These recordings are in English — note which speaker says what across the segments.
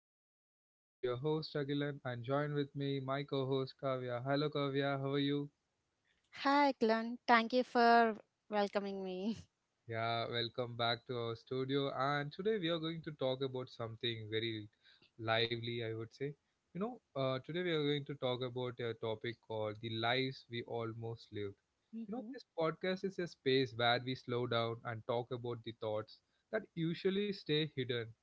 Speaker 1: my podcast. This is your host Agilan and join with me my co-host Kavya. Hello Kavya, how are you?
Speaker 2: Hi, Glenn. Thank you for welcoming me.
Speaker 1: Yeah, welcome back to our studio, and today we are going to talk about something very lively I would say. You know, today we are going to talk about a topic called the lives we almost lived. You know,
Speaker 2: Mhm.
Speaker 1: this podcast is a space where we slow down and talk about the thoughts that usually stay hidden.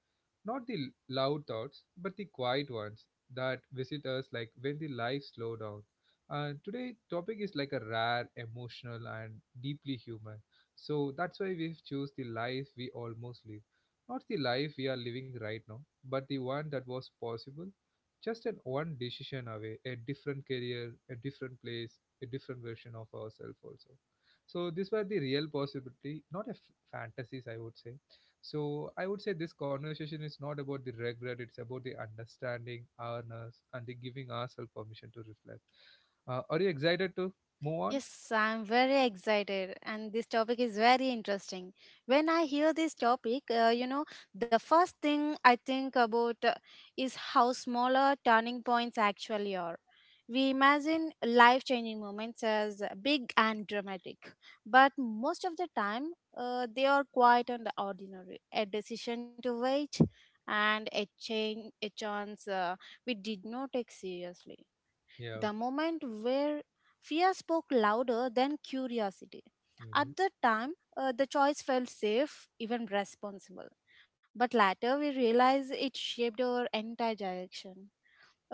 Speaker 1: Not the loud thoughts, but the quiet ones that visit us like when the life slow down. And today topic is like a rare, emotional and deeply human. So that's why we've choose the life we almost live. Not the life we are living right now, but the one that was possible. Just an one decision away, a different career, a different place, a different version of ourselves also. So these were the real possibility, not a fantasies, I would say. So I would say this conversation is not about the regret; it's about the understanding, awareness, and the giving ourselves permission to reflect. Are you excited to move on?
Speaker 2: Yes, I'm very excited, and this topic is very interesting. When I hear this topic, you know, the first thing I think about is how smaller turning points actually are. We imagine life changing moments as big and dramatic, but most of the time, they are quite and ordinary. A decision to wait and a change, a chance we did not take seriously,
Speaker 1: Yeah.
Speaker 2: the moment where fear spoke louder than curiosity. At
Speaker 1: Hmm.
Speaker 2: the time, the choice felt safe, even responsible. But later, we realize it shaped our entire direction.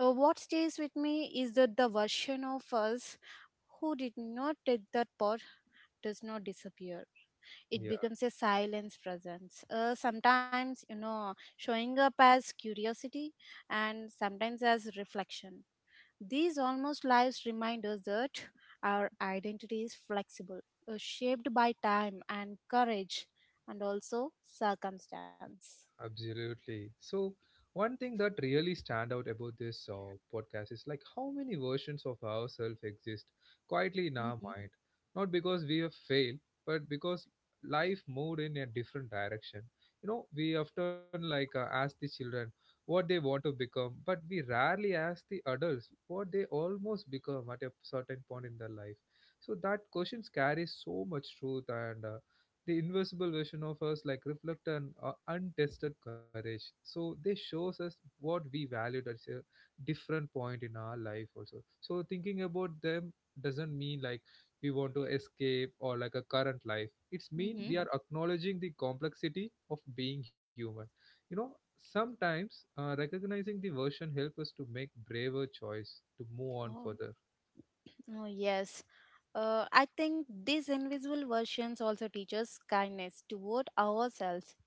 Speaker 2: What stays with me is that the version of us who did not take that path does not disappear. It
Speaker 1: Yeah.
Speaker 2: becomes a silence presence. Sometimes, you know, showing up as curiosity and sometimes as reflection, these almost lives remind us that our identity is flexible, shaped by time and courage, and also circumstance.
Speaker 1: Absolutely. So one thing that really stand out about this podcast is like how many versions of ourselves exist quietly in our
Speaker 2: hmm
Speaker 1: mind, not because we have failed, but because life moved in a different direction. You know, we often like ask the children what they want to become, but we rarely ask the adults what they almost become at a certain point in their life. So that questions carry so much truth, and the invisible version of us like reflect an untested courage, so they shows us what we valued at a different point in our life also. So thinking about them doesn't mean like we want to escape or like a current life, it's mean
Speaker 2: hmm
Speaker 1: we are acknowledging the complexity of being human, you know. Sometimes recognizing the version help us to make braver choice to move on
Speaker 2: Oh,
Speaker 1: further.
Speaker 2: oh yes. I think these invisible versions also teach us kindness toward ourselves.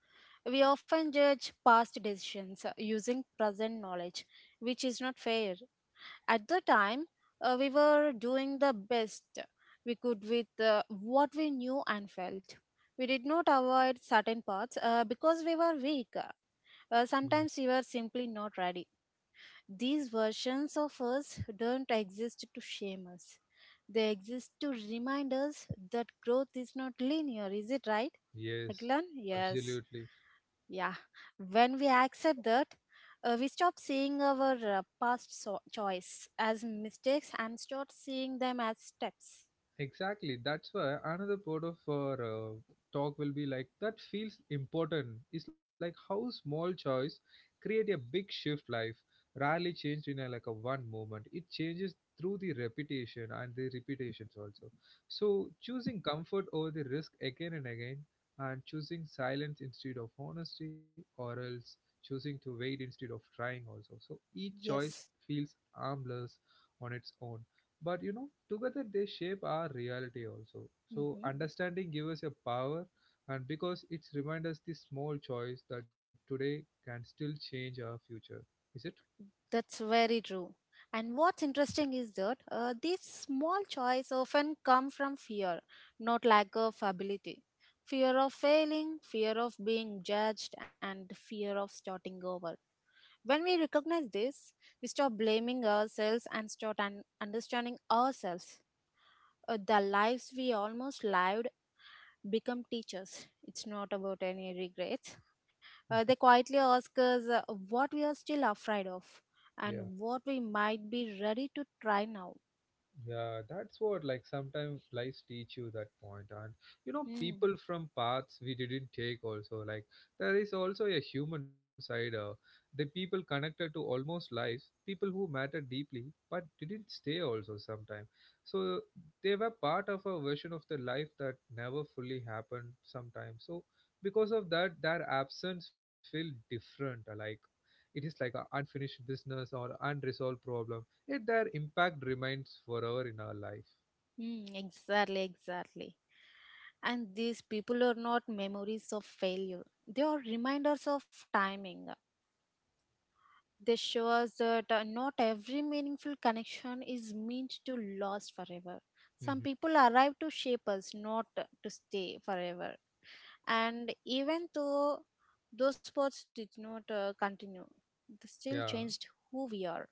Speaker 2: We often judge past decisions using present knowledge, which is not fair. At the time, we were doing the best we could with what we knew and felt. We did not avoid certain paths because we were weak.
Speaker 1: Mhm.
Speaker 2: Sometimes we were simply not ready. These versions of us don't exist to shame us. They exist to remind us that growth is not linear. Is it right?
Speaker 1: Yes.
Speaker 2: Aglan? Yes.
Speaker 1: Absolutely.
Speaker 2: Yeah, when we accept that, we stop seeing our choice as mistakes and start seeing them as steps.
Speaker 1: Exactly. That's why another part of our talk will be like that feels important. It's like how small choice create a big shift life. Rarely changed in a, like a one moment. It changes through the repetition and the repetitions also. So choosing comfort over the risk again and again, and choosing silence instead of honesty, or else choosing to wait instead of trying also. So each choice
Speaker 2: Yes.
Speaker 1: feels harmless on its own, but you know together they shape our reality also. So
Speaker 2: Mhm.
Speaker 1: understanding gives us a power, and because it's reminds us the small choice that today can still change our future, is it?
Speaker 2: That's very true. And what's interesting is that these small choices often come from fear, not lack of ability. Fear of failing, fear of being judged, and fear of starting over. When we recognize this, we stop blaming ourselves and start understanding ourselves. The lives we almost lived become teachers. It's not about any regrets, they quietly ask us what we are still afraid of
Speaker 1: yeah.
Speaker 2: and what we might be ready to try now.
Speaker 1: Yeah, that's what like sometimes life teach you that point. And you know,
Speaker 2: Hmm.
Speaker 1: people from paths we didn't take also, like there is also a human side. The people connected to almost lives, people who matter deeply but didn't stay also sometimes. So they were part of a version of the life that never fully happened sometimes. So because of that, their absence feel different. Like it is like a unfinished business or unresolved problem, yet their impact remains forever in our life.
Speaker 2: Hmm. Exactly, exactly. And these people are not memories of failure, they are reminders of timing. They show us that not every meaningful connection is meant to last forever. Some
Speaker 1: Mhm.
Speaker 2: people arrive to shape us, not to stay forever. And even though those sports did not continue, they
Speaker 1: Yeah.
Speaker 2: still changed who we are.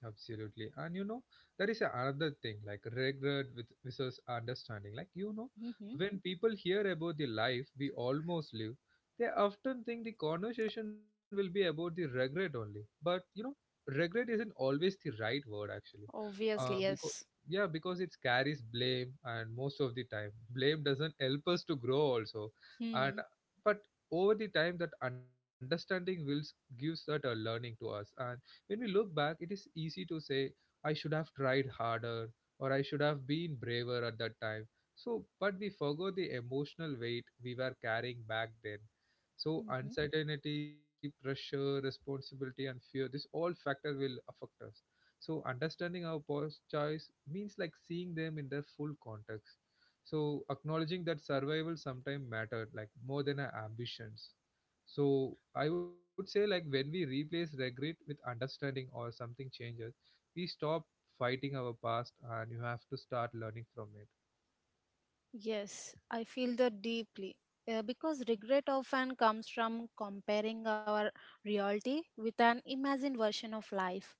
Speaker 1: Absolutely. And you know, there is a another thing like regret with versus understanding. Like, you know,
Speaker 2: Hmm.
Speaker 1: when people hear about the life we almost live, they often think the conversation will be about the regret only. But, you know, regret isn't always the right word actually.
Speaker 2: Obviously,
Speaker 1: Uh, because,
Speaker 2: yes.
Speaker 1: yeah, because it carries blame, and most of the time, blame doesn't help us to grow also. And,
Speaker 2: Hmm.
Speaker 1: but over the time, that understanding will gives that a learning to us. And when we look back, it is easy to say, I should have tried harder or I should have been braver at that time. So, but we forgot the emotional weight we were carrying back then. So,
Speaker 2: Hmm.
Speaker 1: uncertainty, pressure, responsibility, and fear, this all factor will affect us. So, understanding our past choice means like seeing them in their full context. So, acknowledging that survival sometimes mattered, like more than our ambitions. So I would say like when we replace regret with understanding or something changes, we stop fighting our past and you have to start learning from it.
Speaker 2: Yes, I feel that deeply. Because regret often comes from comparing our reality with an imagined version of life,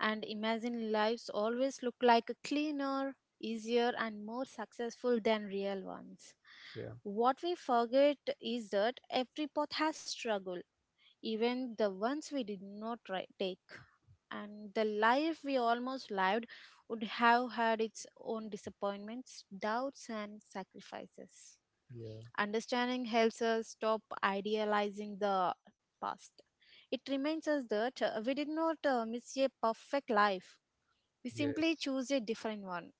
Speaker 2: and imagine lives always look like cleaner, easier, and more successful than real ones.
Speaker 1: Yeah.
Speaker 2: What we forget is that every path has struggle, even the ones we did not try, take. And the life we almost lived would have had its own disappointments, doubts, and sacrifices.
Speaker 1: Yeah.
Speaker 2: Understanding helps us stop idealizing the past. It reminds us that we did not miss a perfect life, we simply
Speaker 1: Yes.
Speaker 2: choose a different one.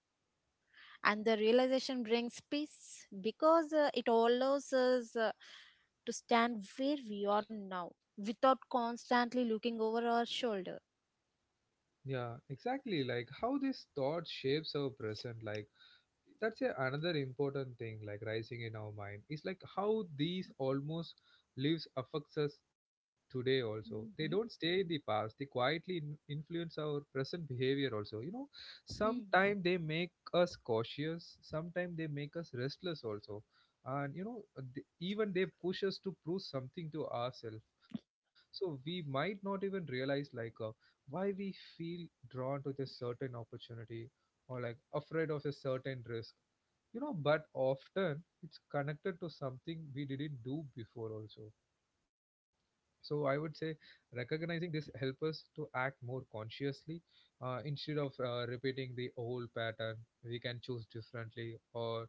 Speaker 2: And the realization brings peace because it allows us to stand where we are now without constantly looking over our shoulder.
Speaker 1: Yeah, exactly. Like how this thought shapes our present. Like that's a, another important thing like rising in our mind is like how these almost lives affects us today also. They don't
Speaker 2: Mhm.
Speaker 1: stay in the past, they quietly influence our present behavior also, you know.
Speaker 2: Mm.
Speaker 1: Sometimes they make us cautious, sometimes they make us restless also. And you know, even they push us to prove something to ourselves. So we might not even realize like why we feel drawn to this certain opportunity or like afraid of a certain risk, you know, but often it's connected to something we didn't do before also. So I would say recognizing this help us to act more consciously, instead of repeating the old pattern. We can choose differently, or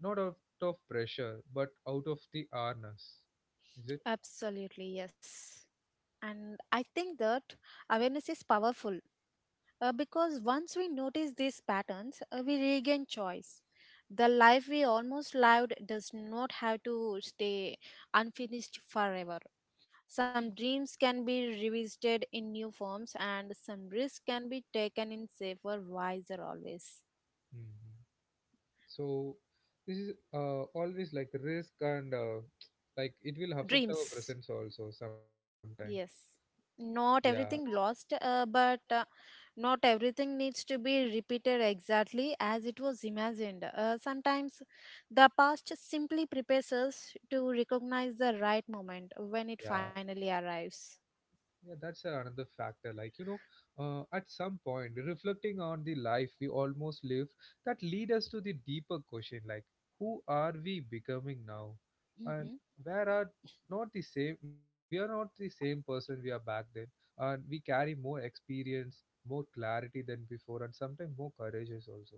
Speaker 1: not out of pressure but out of the awareness, is it?
Speaker 2: Absolutely, yes. And I think that awareness is powerful because once we notice these patterns, we regain choice. The life we almost lived does not have to stay unfinished forever. Some dreams can be revisited in new forms, and some risks can be taken in safer, wiser always.
Speaker 1: Hmm. So this is always like risk and like it will affect our
Speaker 2: Dreams.
Speaker 1: presence also sometime.
Speaker 2: Yes.
Speaker 1: Yeah.
Speaker 2: Not everything lost, but not everything needs to be repeated exactly as it was imagined. Sometimes the past simply prepares us to recognize the right moment when it
Speaker 1: Yeah.
Speaker 2: finally arrives.
Speaker 1: Yeah, that's another factor. Like, you know, at some point, reflecting on the life we almost live, that lead us to the deeper question, like, who are we becoming now? And where are not the same, we are not the same person we are back then. And we carry more experience, more clarity than before, and sometimes more courageous also.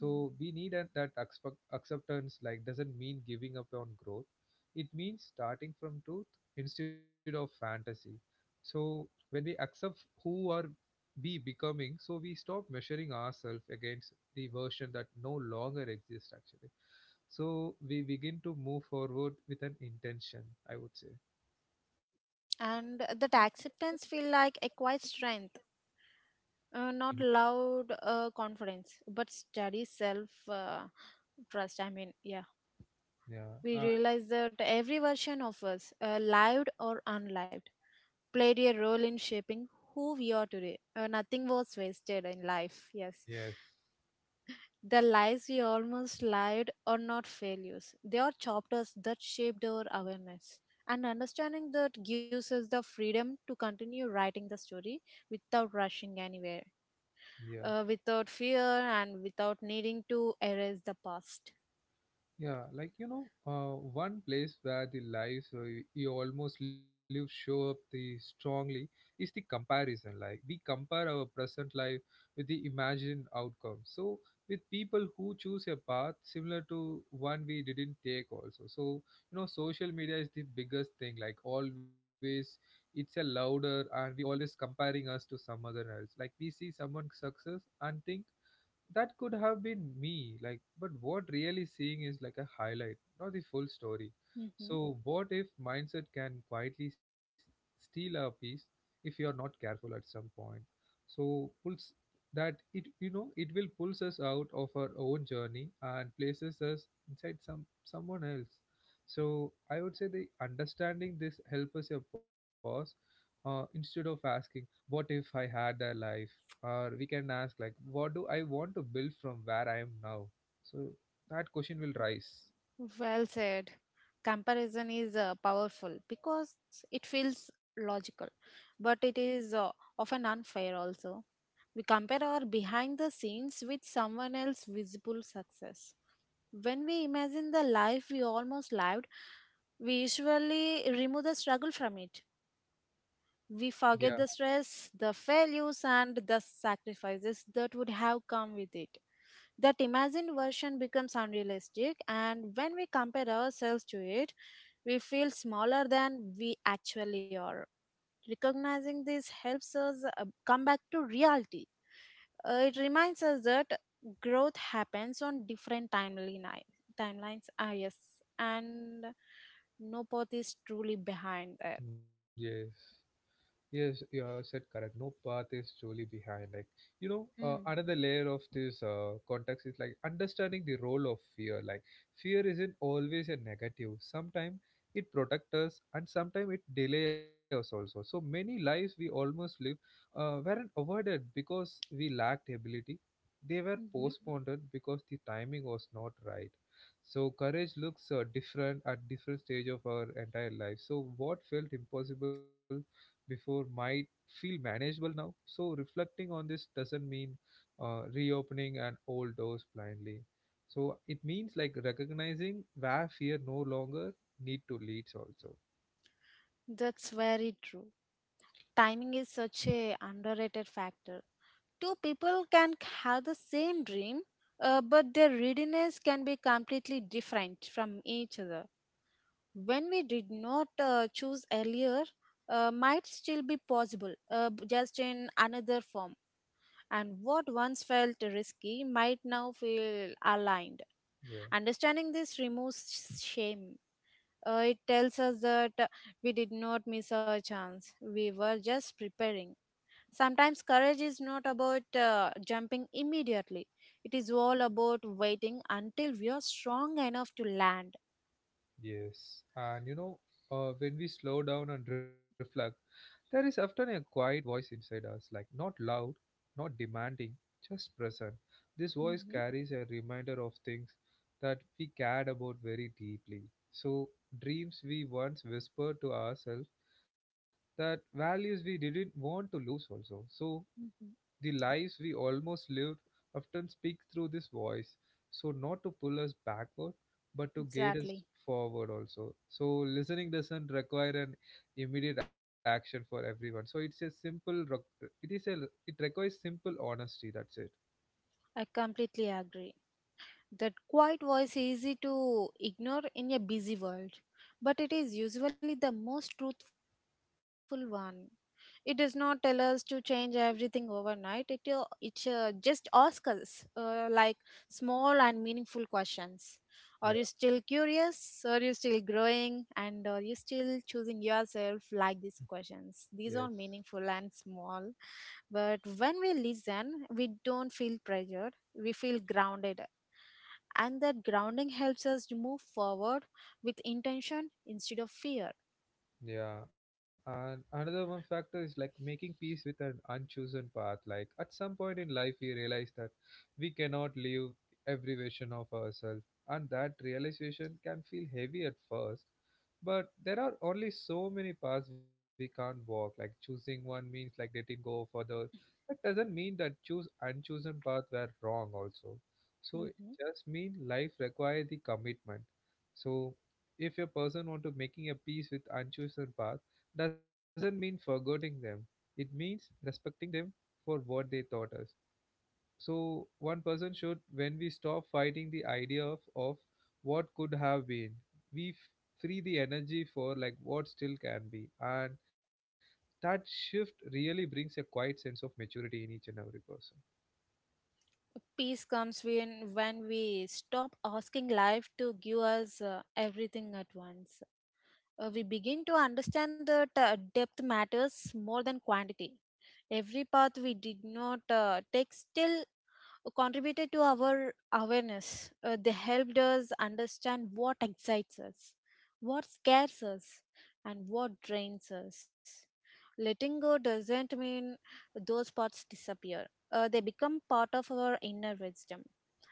Speaker 2: Hmm.
Speaker 1: we need an, that expect, acceptance, like, doesn't mean giving up on growth. It means starting from truth instead of fantasy. So when we accept who are we becoming, so we stop measuring ourselves against the version that no longer exists actually. So we begin to move forward with an intention, I would say.
Speaker 2: And that acceptance feel like a quiet strength, not loud confidence but steady self trust, I mean. Yeah,
Speaker 1: Yeah.
Speaker 2: we
Speaker 1: And
Speaker 2: realize that every version of us, lived or unlived, played a role in shaping who we are today. Uh, nothing was wasted in life. Yes.
Speaker 1: yes.
Speaker 2: The lies we almost lied are not failures. They are chapters that shaped our awareness. And understanding that gives us the freedom to continue writing the story without rushing anywhere,
Speaker 1: Yeah.
Speaker 2: without fear, and without needing to erase the past.
Speaker 1: Yeah, like you know, one place where the lives you almost live show up the strongly is the comparison. Like we compare our present life with the imagined outcome. So with people who choose a path similar to one we didn't take also. So you know, social media is the biggest thing. Like always, it's a louder, and we always comparing us to some other else. Like we see someone success and think that could have been me, like but what really seeing is like a highlight, not the full story.
Speaker 2: Hmm.
Speaker 1: So what if mindset can quietly steal a piece if you are not careful at some point. So pulls that it, you know, it will pulls us out of our own journey and places us inside some someone else. So I would say the understanding this help us a pause, instead of asking what if I had a life, or we can ask like what do I want to build from where I am now. So that question will rise.
Speaker 2: Well said. Comparison is powerful because it feels logical, but it is often unfair also. We compare our behind the scenes with someone else's visible success. When we imagine the life we almost lived, we usually remove the struggle from it. We
Speaker 1: Yeah.
Speaker 2: forget the stress, the failures, and the sacrifices that would have come with it. That imagined version becomes unrealistic, and when we compare ourselves to it, we feel smaller than we actually are. Recognizing this helps us come back to reality. It reminds us that growth happens on different timelines. Ah, yes. And no path is truly behind that.
Speaker 1: Yes. Yes, you are said correct. No path is truly behind. Like you know,
Speaker 2: Mm.
Speaker 1: another layer of this context is like understanding the role of fear. Like fear isn't always a negative. Sometimes it protects us, and sometimes it delays us also. So many lives we almost lived weren't avoided because we lacked ability. They were
Speaker 2: Hmm. Mm-hmm.
Speaker 1: postponed because the timing was not right. So courage looks different at different stage of our entire life. So what felt impossible before might feel manageable now. So, reflecting on this doesn't mean reopening an old doors blindly. So, it means like recognizing where fear no longer need to leads also.
Speaker 2: That's very true. Timing is such a underrated factor. Two people can have the same dream, but their readiness can be completely different from each other. When we did not choose earlier might still be possible, just in another form, and what once felt risky might now feel aligned.
Speaker 1: Yeah.
Speaker 2: Understanding this removes shame. Uh, it tells us that we did not miss our chance, we were just preparing. Sometimes courage is not about jumping immediately, it is all about waiting until we are strong enough to land.
Speaker 1: Yes, and you know, when we slow down and reflect, there is often a quiet voice inside us, like not loud, not demanding, just present. This voice
Speaker 2: Mhm,
Speaker 1: carries a reminder of things that we cared about very deeply. So, dreams we once whispered to ourselves, that values we didn't want to lose, also. So,
Speaker 2: mhm.
Speaker 1: the lives we almost lived often speak through this voice. So, not to pull us backward, but to guide us
Speaker 2: Exactly.
Speaker 1: forward also. So, listening doesn't require an immediate action for everyone. So, it's a simple, it is a, it requires simple honesty. That's it.
Speaker 2: I completely agree. That quiet voice is easy to ignore in a busy world, but it is usually the most truthful one. It does not tell us to change everything overnight. It just asks us like small and meaningful questions. Are you still
Speaker 1: Yeah.
Speaker 2: curious? Are you still growing? And are you still choosing yourself? Like these questions. These are
Speaker 1: Yes.
Speaker 2: meaningful and small. But when we listen, we don't feel pressured. We feel grounded, and that grounding helps us to move forward with intention instead of fear.
Speaker 1: Yeah, and another one factor is like making peace with an unchosen path. Like at some point in life, we realize that we cannot live every version of ourselves, and that realization can feel heavy at first. But there are only so many paths we can't walk. Like choosing one means like letting go for the. That doesn't mean that choose unchosen path were wrong also. So it
Speaker 2: Hmm.
Speaker 1: just mean life require the commitment. So if a person want to making a peace with unchosen path, doesn't mean forgetting them, it means respecting them for what they taught us. So one person should, when we stop fighting the idea of what could have been, we free the energy for like what still can be, and that shift really brings a quiet sense of maturity in each and every person.
Speaker 2: Peace comes when, we stop asking life to give us everything at once. We begin to understand that depth matters more than quantity. Every path we did not take still contributed to our awareness. They helped us understand what excites us, what scares us, and what drains us. Letting go doesn't mean those parts disappear, they become part of our inner wisdom.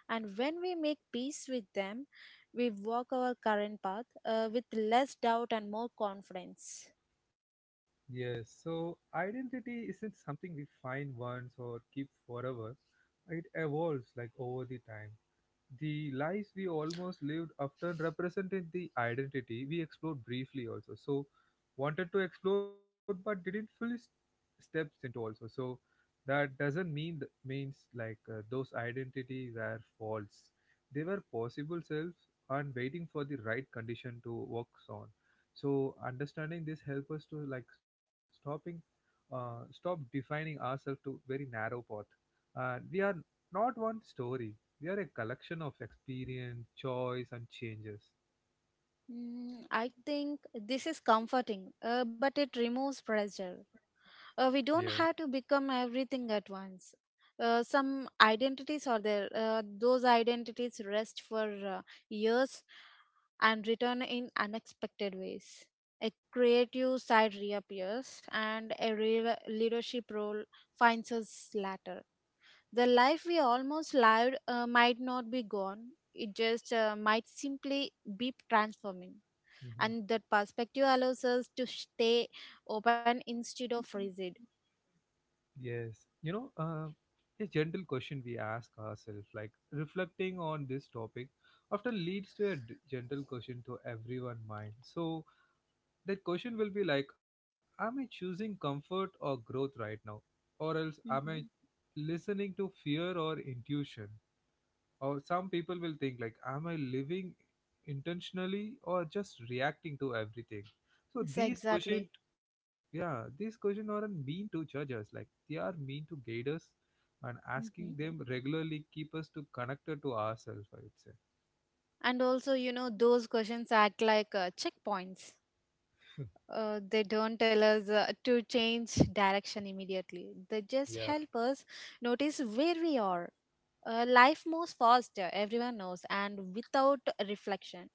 Speaker 2: And when we make peace with them, we walk our current path with less doubt and more confidence.
Speaker 1: Yes, so identity isn't something we find once or keep forever. It evolves like over the time. The lives we almost lived often represented the identity we explored briefly also, so wanted to explore but didn't fully steps into also, so that doesn't mean means like those identity were false. They were possible selves and waiting for the right condition to work on. So understanding this help us to like stopping, stop defining ourselves to very narrow path, and we are not one story. They are a collection of experience, choice, and changes.
Speaker 2: Mm, I think this is comforting, but it removes pressure. We
Speaker 1: Yeah.
Speaker 2: don't have to become everything at once. Uh, some identities are there, those identities rest for uh, years and return in unexpected ways. A creative side reappears and a real leadership role finds us later. The life we almost lived might not be gone, it just might simply be transforming,
Speaker 1: Hmm.
Speaker 2: and that perspective allows us to stay open instead of rigid.
Speaker 1: Yes. You know, a gentle question we ask ourselves, like reflecting on this topic, often leads to a gentle question to everyone mind. So that question will be like, am I choosing comfort or growth right now, or else am I
Speaker 2: Mm-hmm.
Speaker 1: listening to fear or intuition? Or some people will think like, am I living intentionally or just reacting to everything? So
Speaker 2: Yes,
Speaker 1: these questions,
Speaker 2: exactly.
Speaker 1: yeah, these questions aren't mean to judge us. Like they are mean to guide us, and asking
Speaker 2: Mm-hmm.
Speaker 1: them regularly keep us to connected to ourselves, I would say.
Speaker 2: And also, you know, those questions act like checkpoints. They don't tell us to change direction immediately. They
Speaker 1: Yeah.
Speaker 2: just help us notice where we are. Life moves faster, everyone knows, and without reflection,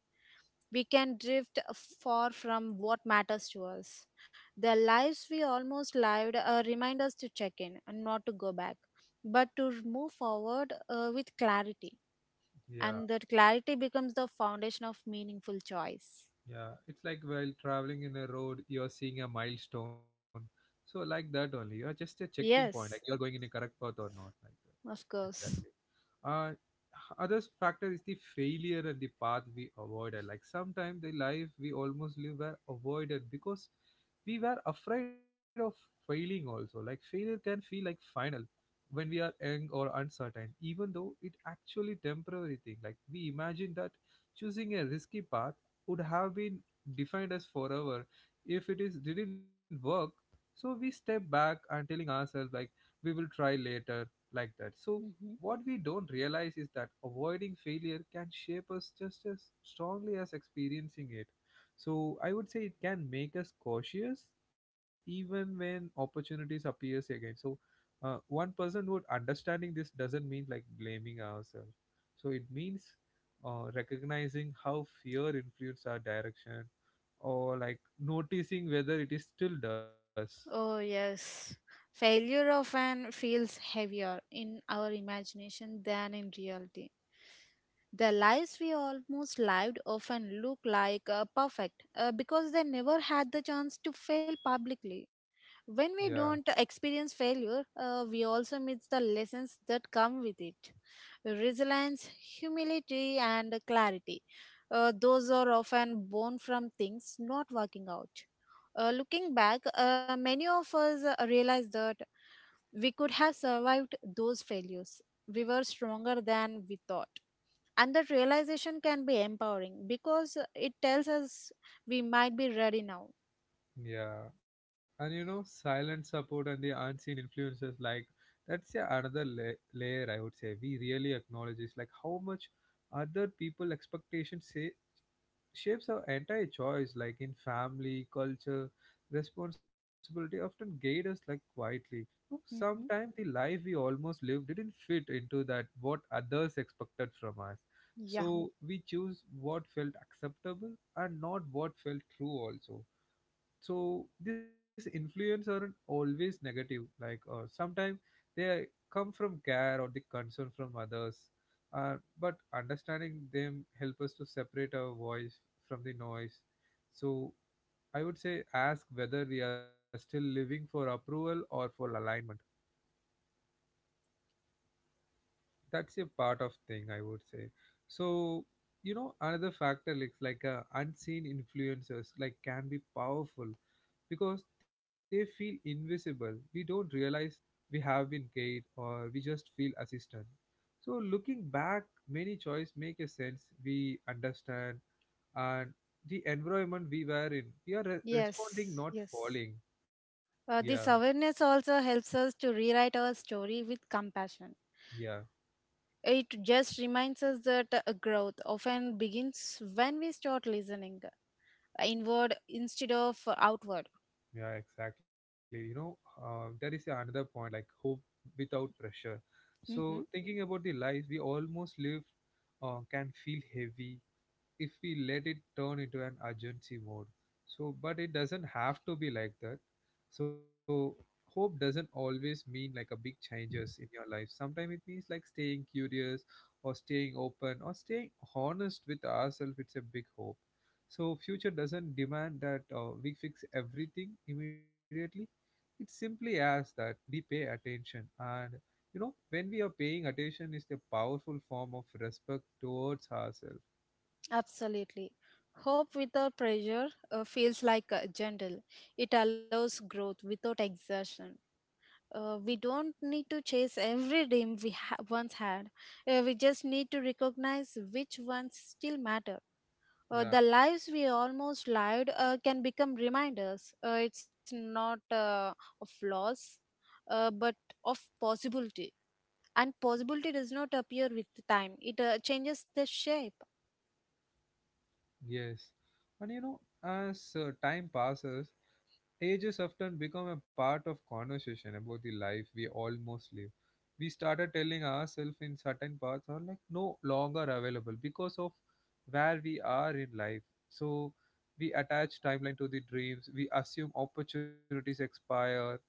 Speaker 2: we can drift far from what matters to us. The lives we almost lived remind us to check in, and not to go back, but to move forward with clarity.
Speaker 1: Yeah.
Speaker 2: And that clarity becomes the foundation of meaningful choice.
Speaker 1: Yeah, it's like while traveling in a road, you're seeing a milestone. So like that only. You're just a checking point, like you're
Speaker 2: Yes,
Speaker 1: going in a correct path or not, like
Speaker 2: of
Speaker 1: that.
Speaker 2: course.
Speaker 1: Exactly. Uh Other factor is the failure and the path we avoided. Like sometimes the life we almost live were avoided because we were afraid of failing also. Like failure can feel like final when we are young or uncertain, even though it actually temporary thing. Like we imagine that choosing a risky path would have been defined as forever if it is didn't work. So we step back and telling ourselves like we will try later, like that. So
Speaker 2: Mm-hmm.
Speaker 1: what we don't realize is that avoiding failure can shape us just as strongly as experiencing it. So I would say it can make us cautious even when opportunities appears again. So one person would understanding this doesn't mean like blaming ourselves. So it means recognizing how fear influenced our direction, or like noticing whether it is still does.
Speaker 2: Oh, yes. Failure often feels heavier in our imagination than in reality. The lives we almost lived often look like perfect because they never had the chance to fail publicly. When
Speaker 1: Yeah,
Speaker 2: we don't experience failure, we also miss the lessons that come with it. Resilience, humility, and clarity. Those are often born from things not working out. Looking back, many of us realize that we could have survived those failures. We were stronger than we thought. And that realization can be empowering because it tells us we might be ready now.
Speaker 1: yeah. And you know, silent support and the unseen influences, like that's, yeah, another layer I would say we really acknowledge is like how much other people expectations say shapes our entire choice. Like in family culture, responsibility often guide us like quietly. So
Speaker 2: Hmm.
Speaker 1: sometimes the life we almost live didn't fit into that what others expected from us,
Speaker 2: Yeah.
Speaker 1: so we choose what felt acceptable and not what felt true also. So these influence aren't always negative. Like sometimes they come from care or the concern from others, but understanding them help us to separate our voice from the noise. So I would say ask whether we are still living for approval or for alignment. That's a part of thing I would say. So you know another factor, like unseen influencers like can be powerful because they feel invisible. We don't realize we have been guided or we just feel assistant. So looking back, many choice make a sense. We understand and the environment we were in. We are responding,
Speaker 2: Yes.
Speaker 1: not
Speaker 2: Yes.
Speaker 1: falling. Yeah,
Speaker 2: This awareness also helps us to rewrite our story with compassion.
Speaker 1: yeah,
Speaker 2: It just reminds us that growth often begins when we start listening inward instead of outward.
Speaker 1: yeah, exactly. You know, that is another point like hope without pressure. So,
Speaker 2: Hmm.
Speaker 1: thinking about the life we almost lived can feel heavy if we let it turn into an urgency mode. So, but it doesn't have to be like that. So, hope doesn't always mean like a big changes in your life. Sometimes it means like staying curious or staying open or staying honest with ourselves. It's a big hope. So, future doesn't demand that we fix everything immediately. It simply asks that we pay attention, and you know when we are paying attention is the powerful form of respect towards ourselves.
Speaker 2: Absolutely. Hope without pressure feels like gentle. It allows growth without exertion. We don't need to chase every dream we once had. We just need to recognize which ones still matter. The
Speaker 1: Yeah.
Speaker 2: lives we almost lived can become reminders. It's not of loss, but of possibility. And possibility does not appear with time, it changes the shape.
Speaker 1: Yes. And you know, as time passes, ages often become a part of conversation about the life we almost live. We started telling ourselves in certain parts are like no longer available because of where we are in life. So we attach timeline to the dreams, we assume opportunities expire,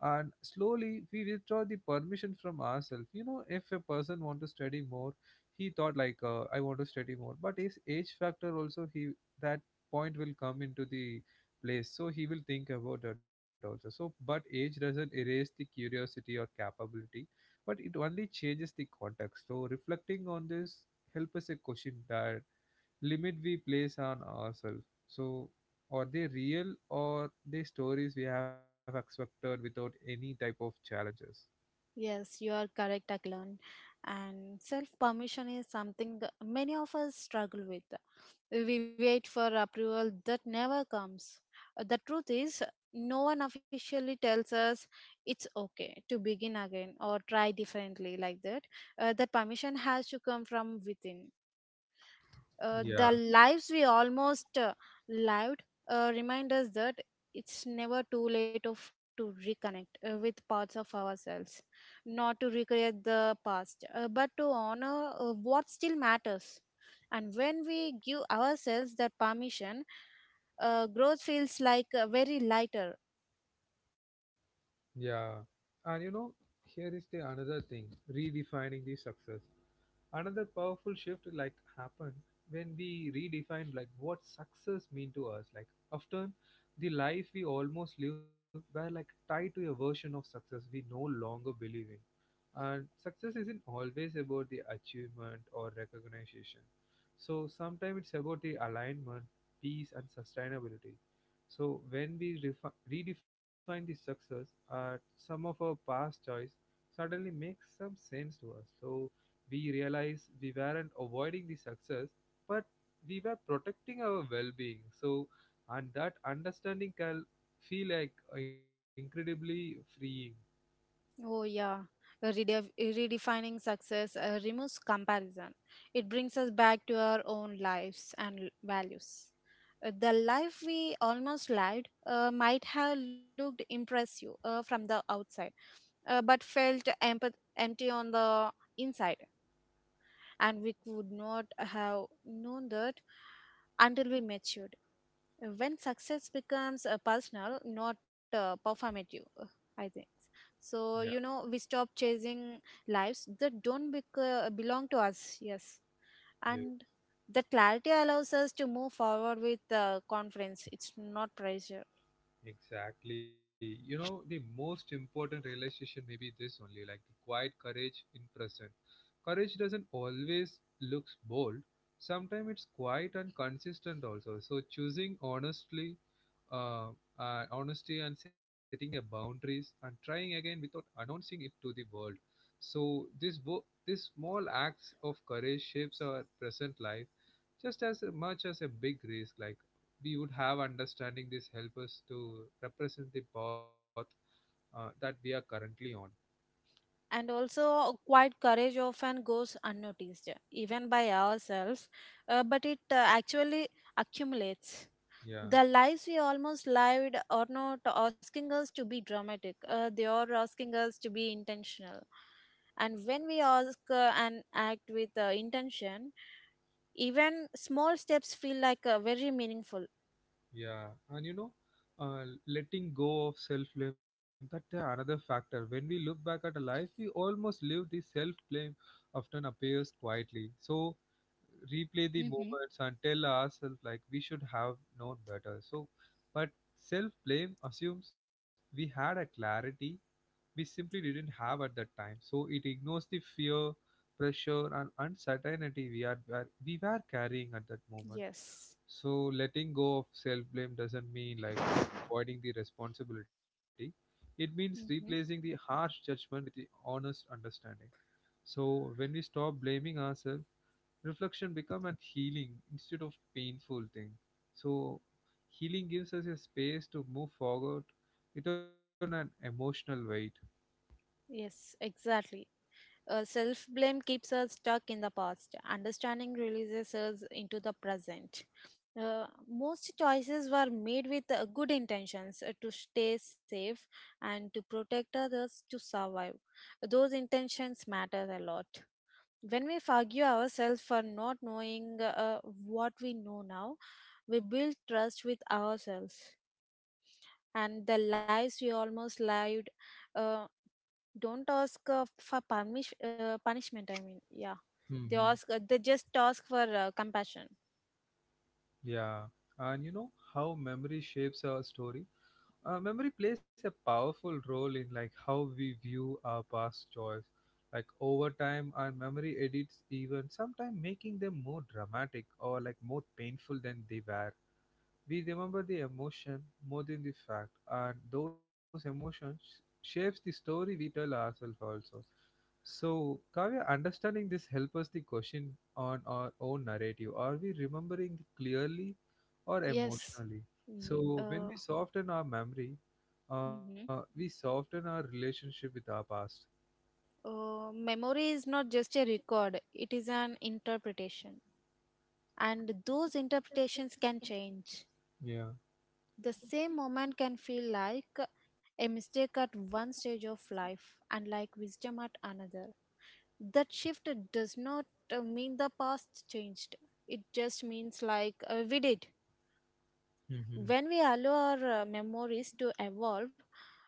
Speaker 1: and slowly we withdraw the permission from ourselves. You know, if a person want to study more, he thought like, I want to study more, but his age factor also he, that point will come into the place, so he will think about that also. So but age doesn't erase the curiosity or capability, but it only changes the context. So reflecting on this help us a question that limit we place on ourselves. So are they real or they stories we have expected without any type of challenges?
Speaker 2: Yes, you are correct, Aklan. And self permission is something many of us struggle with. We wait for approval that never comes. The truth is, no one officially tells us it's okay to begin again or try differently like that. That permission has to come from within. Uh,
Speaker 1: Yeah,
Speaker 2: the lives we almost lived remind us that it's never too late of to reconnect with parts of ourselves, not to recreate the past, but to honor what still matters. And when we give ourselves that permission, growth feels like very lighter.
Speaker 1: yeah. And you know, here is the another thing, redefining the success. Another powerful shift like happened when we redefined like what success mean to us. Like often the life we almost live were like tied to a version of success we no longer believe in, and success isn't always about the achievement or recognition. So sometimes it's about the alignment, peace, and sustainability. So when we redefine the success, some of our past choice suddenly makes some sense to us. So we realize we weren't avoiding the success, but we were protecting our well-being. So and that understanding can feel like incredibly freeing.
Speaker 2: Oh, yeah. Redef- redefining success removes comparison. It brings us back to our own lives and values. The life we almost lived might have looked impressive from the outside, but felt empty on the inside. And we could not have known that until we matured. When success becomes personal, not performative, I think so, you
Speaker 1: Yeah.
Speaker 2: know, we stop chasing lives that don't belong to us. Yes. And the clarity allows us to move forward with confidence, it's not pressure.
Speaker 1: Exactly. You know, the most important realization may be this only, like the quiet courage in present. Courage doesn't always looks bold. Sometimes it's quiet and consistent also. So choosing honestly, uh, honesty and setting a boundaries and trying again without announcing it to the world. So this this small acts of courage shapes our present life just as much as a big risk, like we would have understanding this help us to represent the path that we are currently on.
Speaker 2: And also, quiet courage often goes unnoticed even by ourselves, but it actually accumulates.
Speaker 1: Yeah,
Speaker 2: The lives we almost lived are not asking us to be dramatic, they are asking us to be intentional. And when we ask and act with intention, even small steps feel like very meaningful.
Speaker 1: yeah. And you know, letting go of self blame, that's the another factor. When we look back at our life we almost live, the self blame often appears quietly. So replay the
Speaker 2: Mm-hmm.
Speaker 1: moments and tell ourselves like we should have known better. So but self blame assumes we had a clarity we simply didn't have at that time. So it ignores the fear, pressure, and uncertainty we were carrying at that moment.
Speaker 2: Yes.
Speaker 1: So letting go of self blame doesn't mean like avoiding the responsibility. It means replacing
Speaker 2: Mm-hmm.
Speaker 1: the harsh judgment with the honest understanding. So when we stop blaming ourselves, reflection become a healing instead of painful thing. So healing gives us a space to move forward without an emotional weight.
Speaker 2: Yes, exactly. Self blame keeps us stuck in the past, understanding releases us into the present. Most choices were made with good intentions, to stay safe and to protect others to survive. Those intentions matter a lot. When we forgive ourselves for not knowing what we know now, we build trust with ourselves. And the lives we almost lived uh, don't ask for punishment. I mean, yeah, they ask. They just ask for compassion.
Speaker 1: Yeah, and you know how memory shapes our story? Memory plays a powerful role in like how we view our past choice. Like over time, our memory edits even sometimes making them more dramatic or like more painful than they were. We remember the emotion more than the fact, and those emotions shapes the story we tell ourselves also. So, Kavya, understanding this help us the question on our own narrative. Are we remembering clearly or
Speaker 2: Yes.
Speaker 1: emotionally?
Speaker 2: Y-
Speaker 1: So, when
Speaker 2: Uh,
Speaker 1: we soften our memory,
Speaker 2: mhm.
Speaker 1: we soften our relationship with our past.
Speaker 2: Memory is not just a record, it is an interpretation. And those interpretations can change.
Speaker 1: Yeah.
Speaker 2: The same moment can feel like a mistake at one stage of life and like wisdom at another. That shift does not mean the past changed, it just means like we did.
Speaker 1: Mhm.
Speaker 2: When we allow our memories to evolve,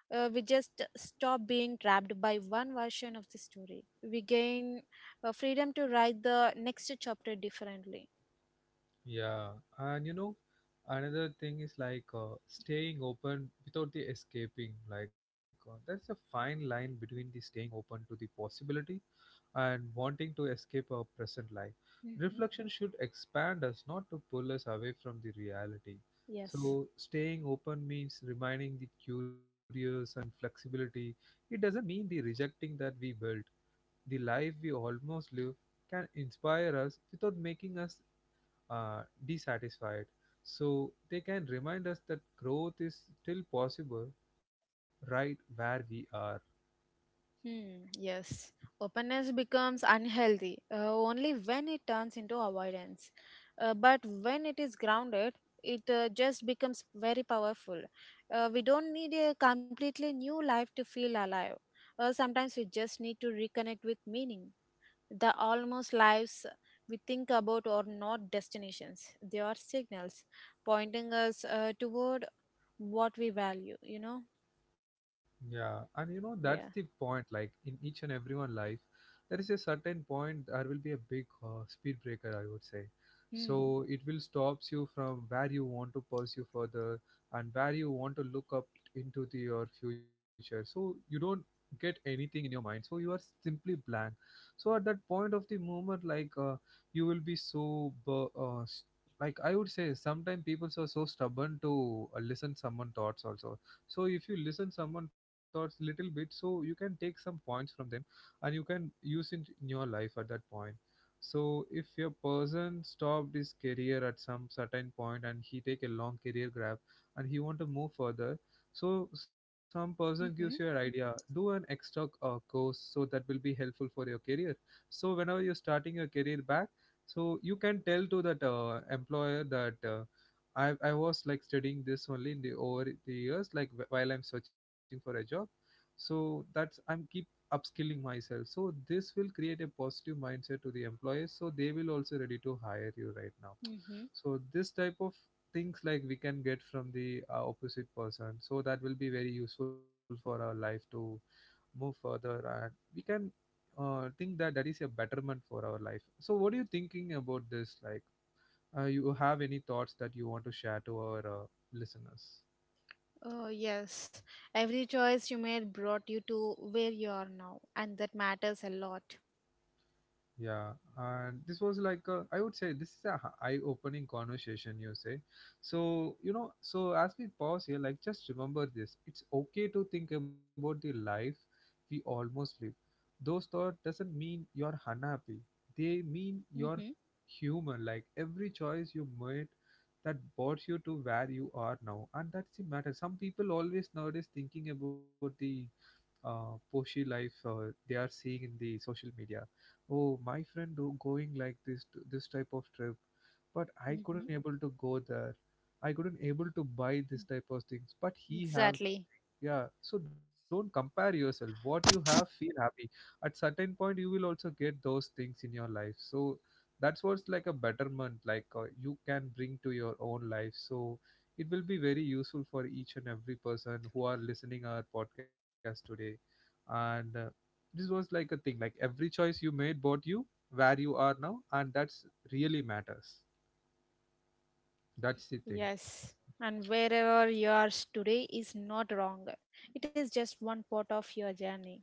Speaker 2: we just stop being trapped by one version of the story. We gain freedom to write the next chapter differently.
Speaker 1: Yeah, and you know, another thing is like staying open without the escaping. Like, there's a fine line between the staying open to the possibility and wanting to escape our present life.
Speaker 2: Hmm.
Speaker 1: Reflection should expand us, not to pull us away from the reality.
Speaker 2: Yes.
Speaker 1: So, staying open means remaining the curious and flexibility. It doesn't mean the rejecting that we built. The life we almost live can inspire us without making us dissatisfied. So they can remind us that growth is still possible right where we are.
Speaker 2: Hmm, yes. Openness becomes unhealthy only when it turns into avoidance. But when it is grounded, it just becomes very powerful. We don't need a completely new life to feel alive. Sometimes we just need to reconnect with meaning. The almost lives we think about are not destinations, they are signals pointing us toward what we value, you know?
Speaker 1: Yeah, and you know
Speaker 2: Yeah.
Speaker 1: that's the point. Like in each and everyone life, there is a certain point there will be a big speed breaker, I would say.
Speaker 2: Hmm.
Speaker 1: So it will stops you from where you want to pursue further and where you want to look up into the, your future. So you don't get anything in your mind. So you are simply blank. So at that point of the moment, like you will be so like I would say, sometimes people are so stubborn to listen someone thoughts also. So if you listen someone thoughts little bit, so you can take some points from them and you can use it in your life at that point. So if your person stopped his career at some certain point and he take a long career grab and he want to move further, so some person gives you an
Speaker 2: Mm-hmm.
Speaker 1: idea, do an extra course, so that will be helpful for your career. So whenever you're starting your career back, so you can tell to that employer that I was like studying this only in the over the years, like while I'm searching for a job. So that's I'm keep upskilling myself. So this will create a positive mindset to the employers. So they will also ready to hire you right now.
Speaker 2: Mm-hmm.
Speaker 1: So this type of things like we can get from the opposite person. So that will be very useful for our life to move further, and we can think that that is a betterment for our life. So what are you thinking about this? Like you have any thoughts that you want to share to our listeners?
Speaker 2: Oh, yes. Every choice you made brought you to where you are now, and that matters a lot.
Speaker 1: Yeah, and this was like a, I would say this is a eye-opening conversation you say. So you know so as we pause here, like just remember this, it's okay to think about the life we almost live. Those thoughts doesn't mean you're unhappy, they mean you're
Speaker 2: Mm-hmm.
Speaker 1: human. Like every choice you made, that brought you to where you are now, and that's the matter. Some people always nowadays thinking about the Poshi life they are seeing in the social media. Oh, my friend do going like this this type of trip, but I
Speaker 2: Mm-hmm.
Speaker 1: couldn't able to go there. I couldn't able to buy this type of things, but he have.
Speaker 2: Exactly.
Speaker 1: Yeah, so don't compare yourself, what you have feel happy. At certain point you will also get those things in your life, so that's what's like a betterment, like you can bring to your own life. So it will be very useful for each and every person who are listening our podcast today, and this was like a thing, like every choice you made brought you where you are now, and that's really matters. That's the thing.
Speaker 2: Yes. And wherever you are today is not wrong. It is just one part of your journey.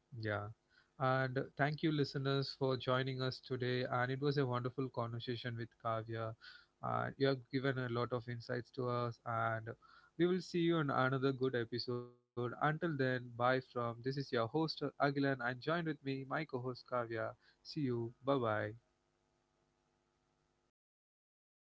Speaker 1: Yeah. And thank you, listeners, for joining us today. And it was a wonderful conversation with Kavya. You have given a lot of insights to us, and we will see you in another good episode. Until then, bye from, this is your host, Agilan, and joined with me, my co host, Kavya. See you. Bye bye.